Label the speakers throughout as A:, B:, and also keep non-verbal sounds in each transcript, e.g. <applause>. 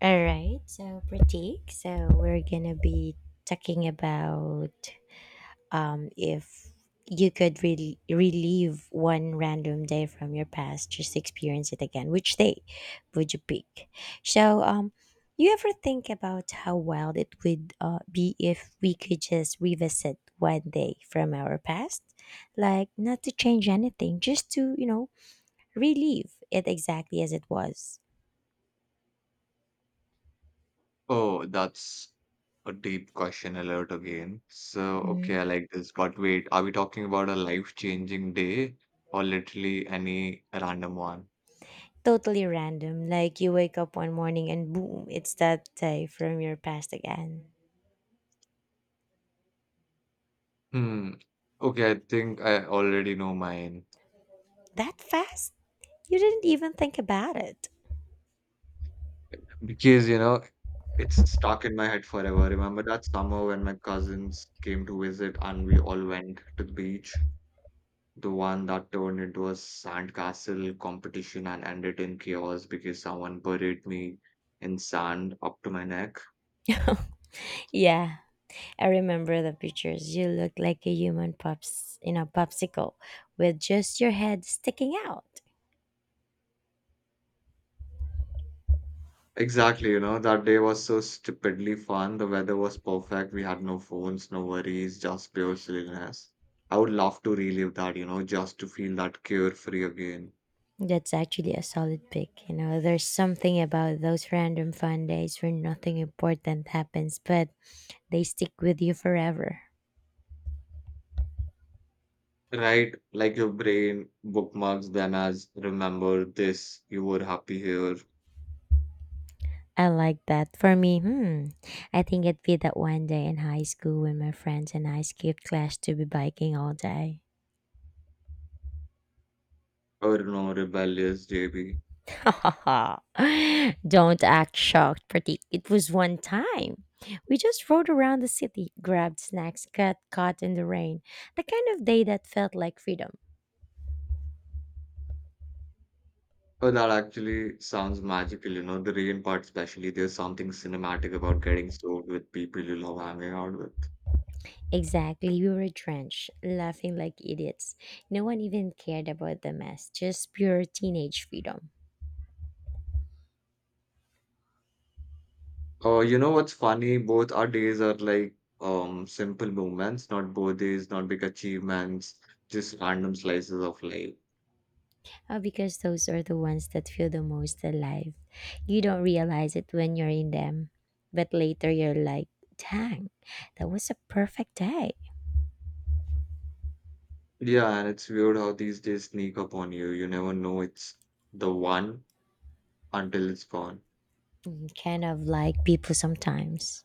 A: All right, so Pratik, so we're gonna be talking about if you could relive one random day from your past, just experience it again. Which day would you pick? So, you ever think about how wild it would be if we could just revisit one day from our past, like not to change anything, just to relive it exactly as it was.
B: Oh, that's a deep question alert again. So, okay,
A: Mm-hmm.
B: I like this. But wait, are we talking about a life-changing day or literally any random one?
A: Totally random. Like you wake up one morning and boom, it's that day from your past again.
B: Hmm. Okay, I think I already know mine
A: That fast? You didn't even think about it.
B: because it's stuck in my head forever. Remember that summer when my cousins came to visit and we all went to the beach? The one that turned into a sandcastle competition and ended in chaos because someone buried me in sand up to my neck.
A: <laughs> Yeah, I remember the pictures. You look like a human pops in a popsicle with just your head sticking out.
B: Exactly, you know, that day was so stupidly fun. The weather was perfect. We had no phones, no worries, just pure silliness. I would love to relive that, you know, just to feel that carefree again.
A: That's actually a solid pick. You know, there's something about those random fun days where nothing important happens, but they stick with you forever.
B: Right? Like your brain bookmarks them as remember this, you were happy here,
A: I like that. For me, I think it'd be that one day in high school when my friends and I skipped class to be biking all day.
B: or no, rebellious JB.
A: <laughs> Don't act shocked, pretty. It was one time. We just rode around the city, grabbed snacks, got caught in the rain. The kind of day that felt like freedom.
B: Oh, that actually sounds magical, you know, the rain part especially. There's something cinematic about getting soaked with people you love hanging out with.
A: Exactly, we were drenched, laughing like idiots. No one even cared about the mess, just pure teenage freedom.
B: Oh, you know what's funny? Both our days are like simple moments, not birthdays, not big achievements, just random slices of life.
A: Because those are the ones that feel the most alive. You don't realize it when you're in them, but later you're like, dang, that was a perfect day.
B: Yeah, and it's weird how these days sneak up on you. You never know it's the one until it's gone.
A: Kind of like people sometimes.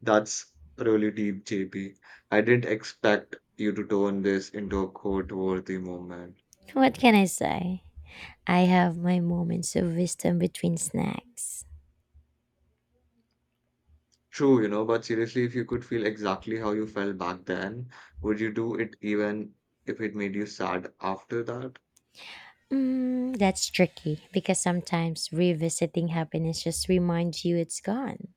B: That's really deep, J P. I didn't expect you to turn this into a quote-worthy moment.
A: What can I say? I have my moments of wisdom between snacks.
B: True, you know, but seriously, if you could feel exactly how you felt back then, would you do it even if it made you sad after that?
A: That's tricky because sometimes revisiting happiness just reminds you it's gone.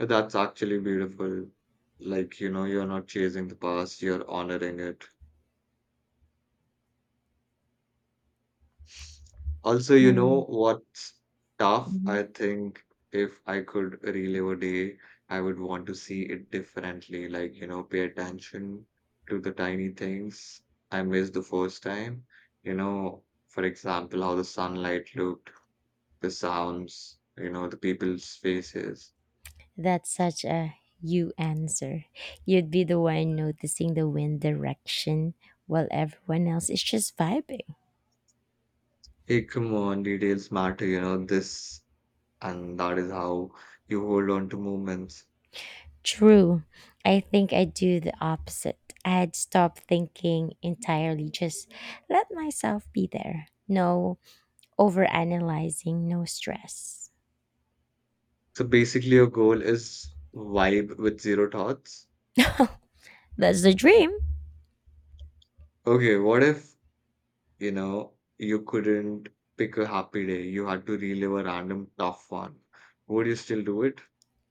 B: That's actually beautiful. Like, you know, you're not chasing the past, you're honoring it. Also, you
A: Mm-hmm.
B: know what's tough? I think if I could relive a day, I would want to see it differently. Like, you know, pay attention to the tiny things I missed the first time. You know, for example, how the sunlight looked the sounds, you know, the people's faces.
A: That's such a you answer. You'd be the one noticing the wind direction while everyone else is just vibing.
B: Hey, come on, details matter, you know, this and that is how you hold on to moments.
A: True. I think I do the opposite. I'd stop thinking entirely, just let myself be there. No overanalyzing, no stress.
B: So basically, your goal is vibe with zero thoughts.
A: That's the dream.
B: Okay, what if, you know, you couldn't pick a happy day? You had to relive a random tough one. Would you still do it?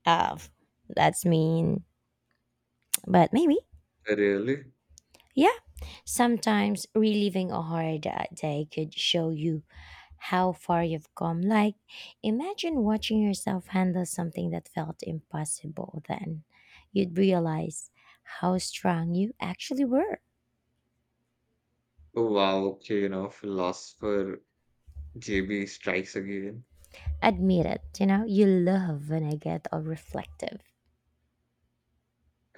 A: Of that's mean, but maybe.
B: Really?
A: Yeah. Sometimes reliving a hard day could show you how far you've come. Like, imagine watching yourself handle something that felt impossible then. You'd realize how strong you actually were.
B: Oh, wow. Okay, you know, philosopher JB strikes again.
A: Admit it, you love when I get all reflective.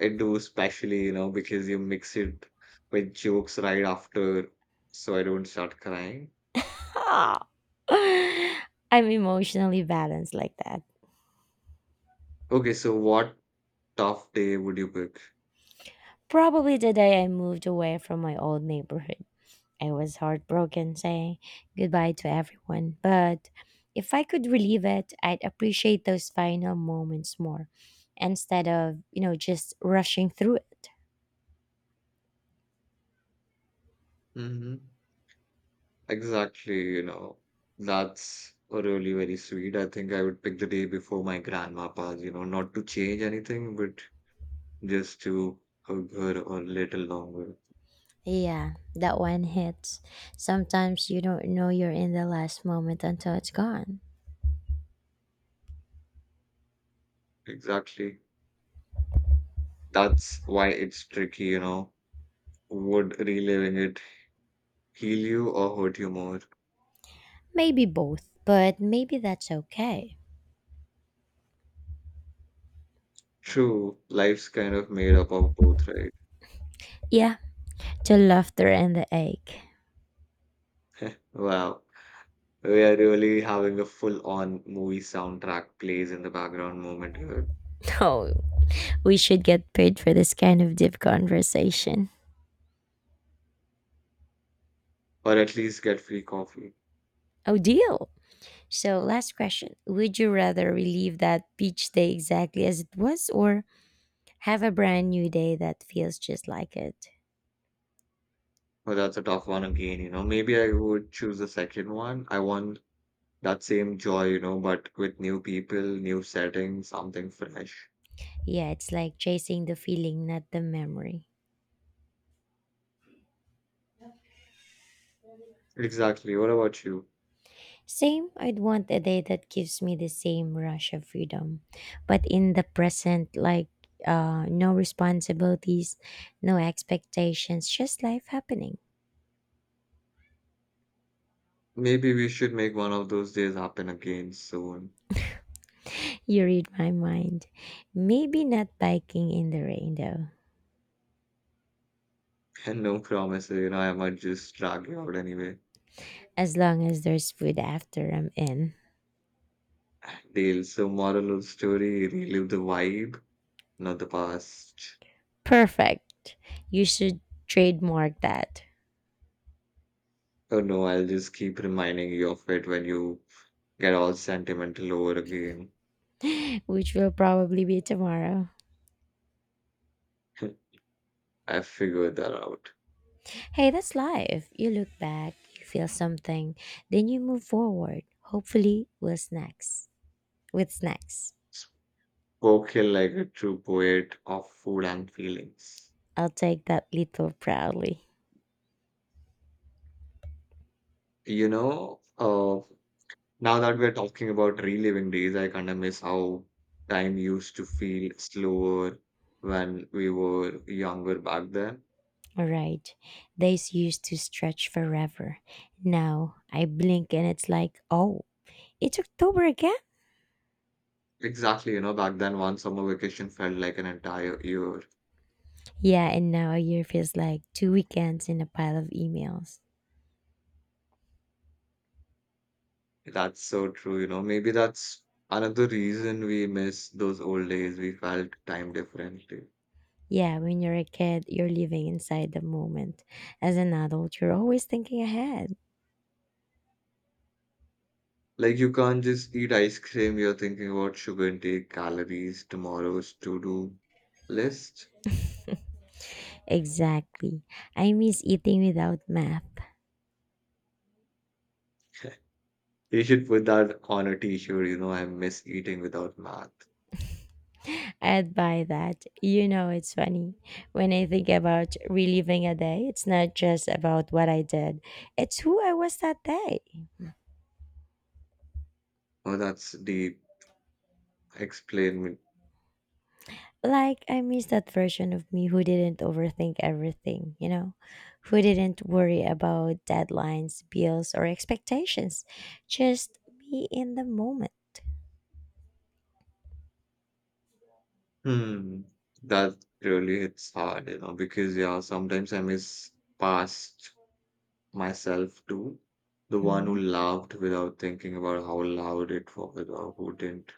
B: I do, especially, you know, because you mix it with jokes right after, so I don't start crying.
A: Ha! <laughs> I'm emotionally balanced like that.
B: Okay, so what tough day would you pick?
A: Probably the day I moved away from my old neighborhood. I was heartbroken saying goodbye to everyone, but if I could relive it, I'd appreciate those final moments more instead of, just rushing through it.
B: Hmm. Exactly, you know, that's really very sweet. I think I would pick the day before my grandma passed, you know, not to change anything, but just to hug her a little longer.
A: Yeah, that one hits. Sometimes you don't know you're in the last moment until it's gone.
B: Exactly. That's why it's tricky, you know. Would reliving it heal you or hurt you more?
A: Maybe both, but maybe that's okay.
B: True, life's kind of made up of both, right?
A: Yeah, the laughter and the ache.
B: <laughs> Wow. We are really having a full-on movie soundtrack plays in the background moment here.
A: <laughs> Oh, we should get paid for this kind of deep conversation.
B: Or at least get free coffee.
A: Oh, deal. So, last question. Would you rather relive that beach day exactly as it was or have a brand new day that feels just like it?
B: Well, that's a tough one again, you know. Maybe I would choose the second one. I want that same joy, you know, but with new people, new settings, something fresh.
A: Yeah, it's like chasing the feeling, not the memory.
B: Exactly. What about you?
A: Same, I'd want a day that gives me the same rush of freedom, but in the present, like no responsibilities, no expectations, just life happening.
B: Maybe we should make one of those days happen again soon.
A: You read my mind. Maybe not biking in the rain though,
B: <laughs> And no promises, you know, I might just drag you out anyway.
A: as long as there's food after I'm in.
B: Deal. So moral of story, relive the vibe, not the past.
A: Perfect. You should trademark that,
B: Oh no, I'll just keep reminding you of it when you get all sentimental over again.
A: which will probably be tomorrow.
B: <laughs> I figured that out.
A: Hey, that's life. You look back, you feel something, then you move forward. Hopefully, we'll snacks. With snacks.
B: Spoken like a true poet of food and feelings.
A: I'll take that little proudly.
B: You know, now that we're talking about reliving days, I kind of miss how time used to feel slower when we were younger back then.
A: All right. Days used to stretch forever. Now I blink and it's like, oh, it's October again?
B: Exactly, you know, back then one summer vacation felt like an entire year.
A: Yeah, and now a year feels like two weekends in a pile of emails.
B: That's so true, you know. Maybe that's another reason we miss those old days. We felt time differently.
A: Yeah, when you're a kid, you're living inside the moment. As an adult, you're always thinking ahead.
B: Like you can't just eat ice cream, you're thinking about sugar intake, calories, tomorrow's to-do list.
A: <laughs> Exactly. I miss eating without math.
B: <laughs> You should put that on a t-shirt, you know, I miss eating without math.
A: I'd buy that. You know, it's funny. When I think about reliving a day, it's not just about what I did, it's who I was that day.
B: Oh, that's deep. Explain me.
A: Like, I miss that version of me who didn't overthink everything, who didn't worry about deadlines, bills, or expectations. Just be in the moment.
B: Hmm. That really hits hard, you know, because yeah, sometimes I miss past myself too. The one who
A: Mhm.
B: laughed without thinking about how loud it was or who didn't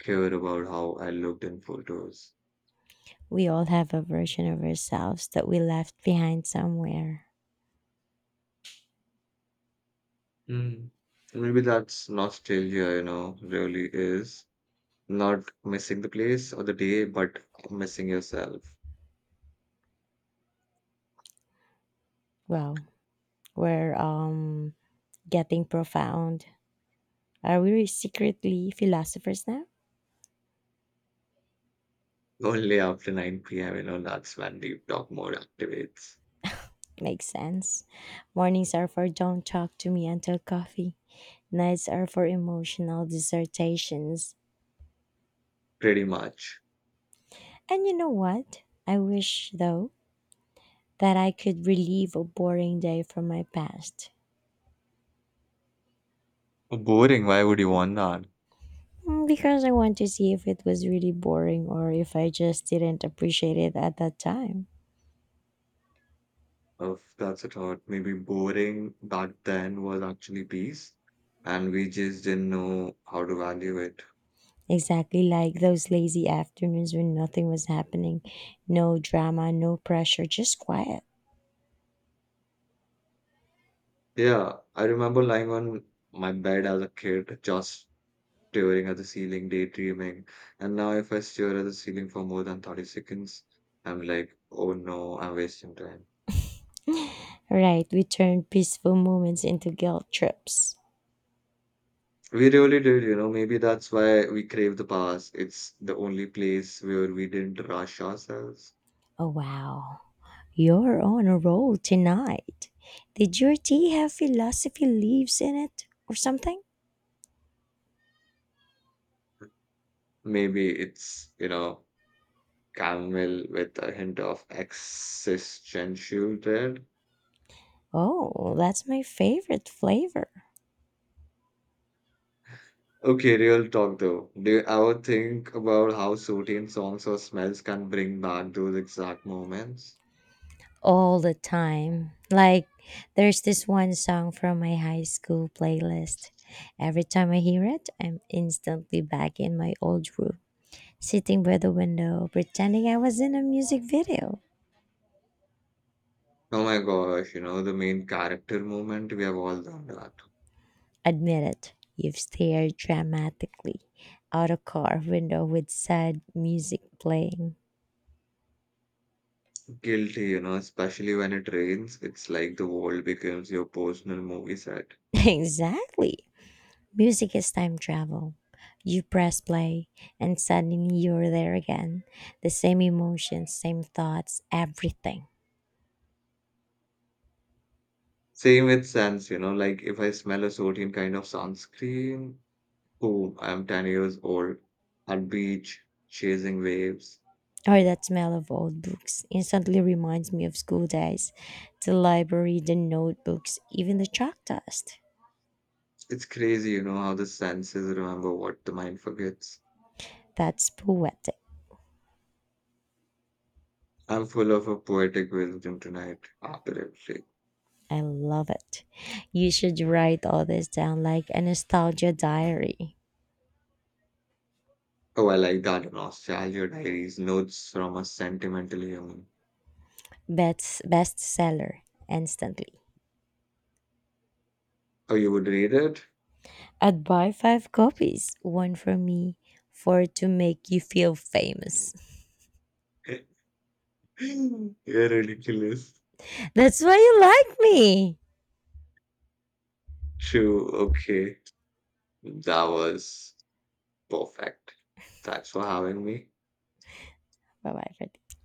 B: care about how I looked in photos.
A: We all have a version of ourselves that we left behind somewhere.
B: Mm. Maybe that's nostalgia, you know, really is. Not missing the place or the day, but missing yourself.
A: Well, where getting profound. Are we really secretly philosophers now?
B: Only after 9 p.m., you know, that's when deep talk mode activates.
A: Makes sense. Mornings are for don't talk to me until coffee. Nights are for emotional dissertations.
B: Pretty much.
A: And you know what? I wish, though, that I could relive a boring day from my past.
B: Boring, why would you want that?
A: Because I want to see if it was really boring or if I just didn't appreciate it at that time.
B: Of that's a thought. Maybe boring back then was actually peace, and we just didn't know how to value it.
A: Exactly like those lazy afternoons when nothing was happening. No drama, no pressure, just quiet.
B: Yeah, I remember lying on my bed as a kid, just staring at the ceiling, daydreaming. And now, if I stare at the ceiling for more than 30 seconds, I'm like, oh no, I'm wasting time.
A: Right, we turn peaceful moments into guilt trips.
B: We really did, you know, maybe that's why we crave the past. It's the only place where we didn't rush ourselves.
A: Oh, wow. You're on a roll tonight. Did your tea have philosophy leaves in it or something?
B: Maybe it's, you know, Camel with a hint of existential dread.
A: Oh, that's my favorite flavor.
B: Okay, real talk though. Do you ever think about how certain songs or smells can bring back those exact moments?
A: All the time. Like there's this one song from my high school playlist. Every time I hear it, I'm instantly back in my old room, sitting by the window, pretending I was in a music video.
B: Oh my gosh, you know, the main character moment, we have all done that.
A: Admit it, you've stared dramatically out a car window with sad music playing.
B: Guilty, you know, especially when it rains, it's like the world becomes your personal movie set.
A: <laughs> Exactly. Music is time travel. You press play, and suddenly you're there again. The same emotions, same thoughts, everything.
B: Same with scents, you know, like if I smell a certain kind of sunscreen, boom, I'm 10 years old, at beach, chasing waves.
A: Or that smell of old books instantly reminds me of school days, the library, the notebooks, even the chalk dust.
B: It's crazy, you know, how the senses remember what the mind forgets.
A: That's poetic.
B: I'm full of a poetic wisdom tonight after every. Break.
A: I love it. You should write all this down like a nostalgia diary.
B: Oh, I like that. Nostalgia diaries, notes from a sentimental human.
A: Best bestseller instantly.
B: Oh, you would read it?
A: I'd buy five copies, one for me, four to make you feel famous. <laughs>
B: <laughs> You're ridiculous.
A: That's why you like me.
B: True. Okay. That was perfect. Thanks for having me.
A: Bye bye, Pratik.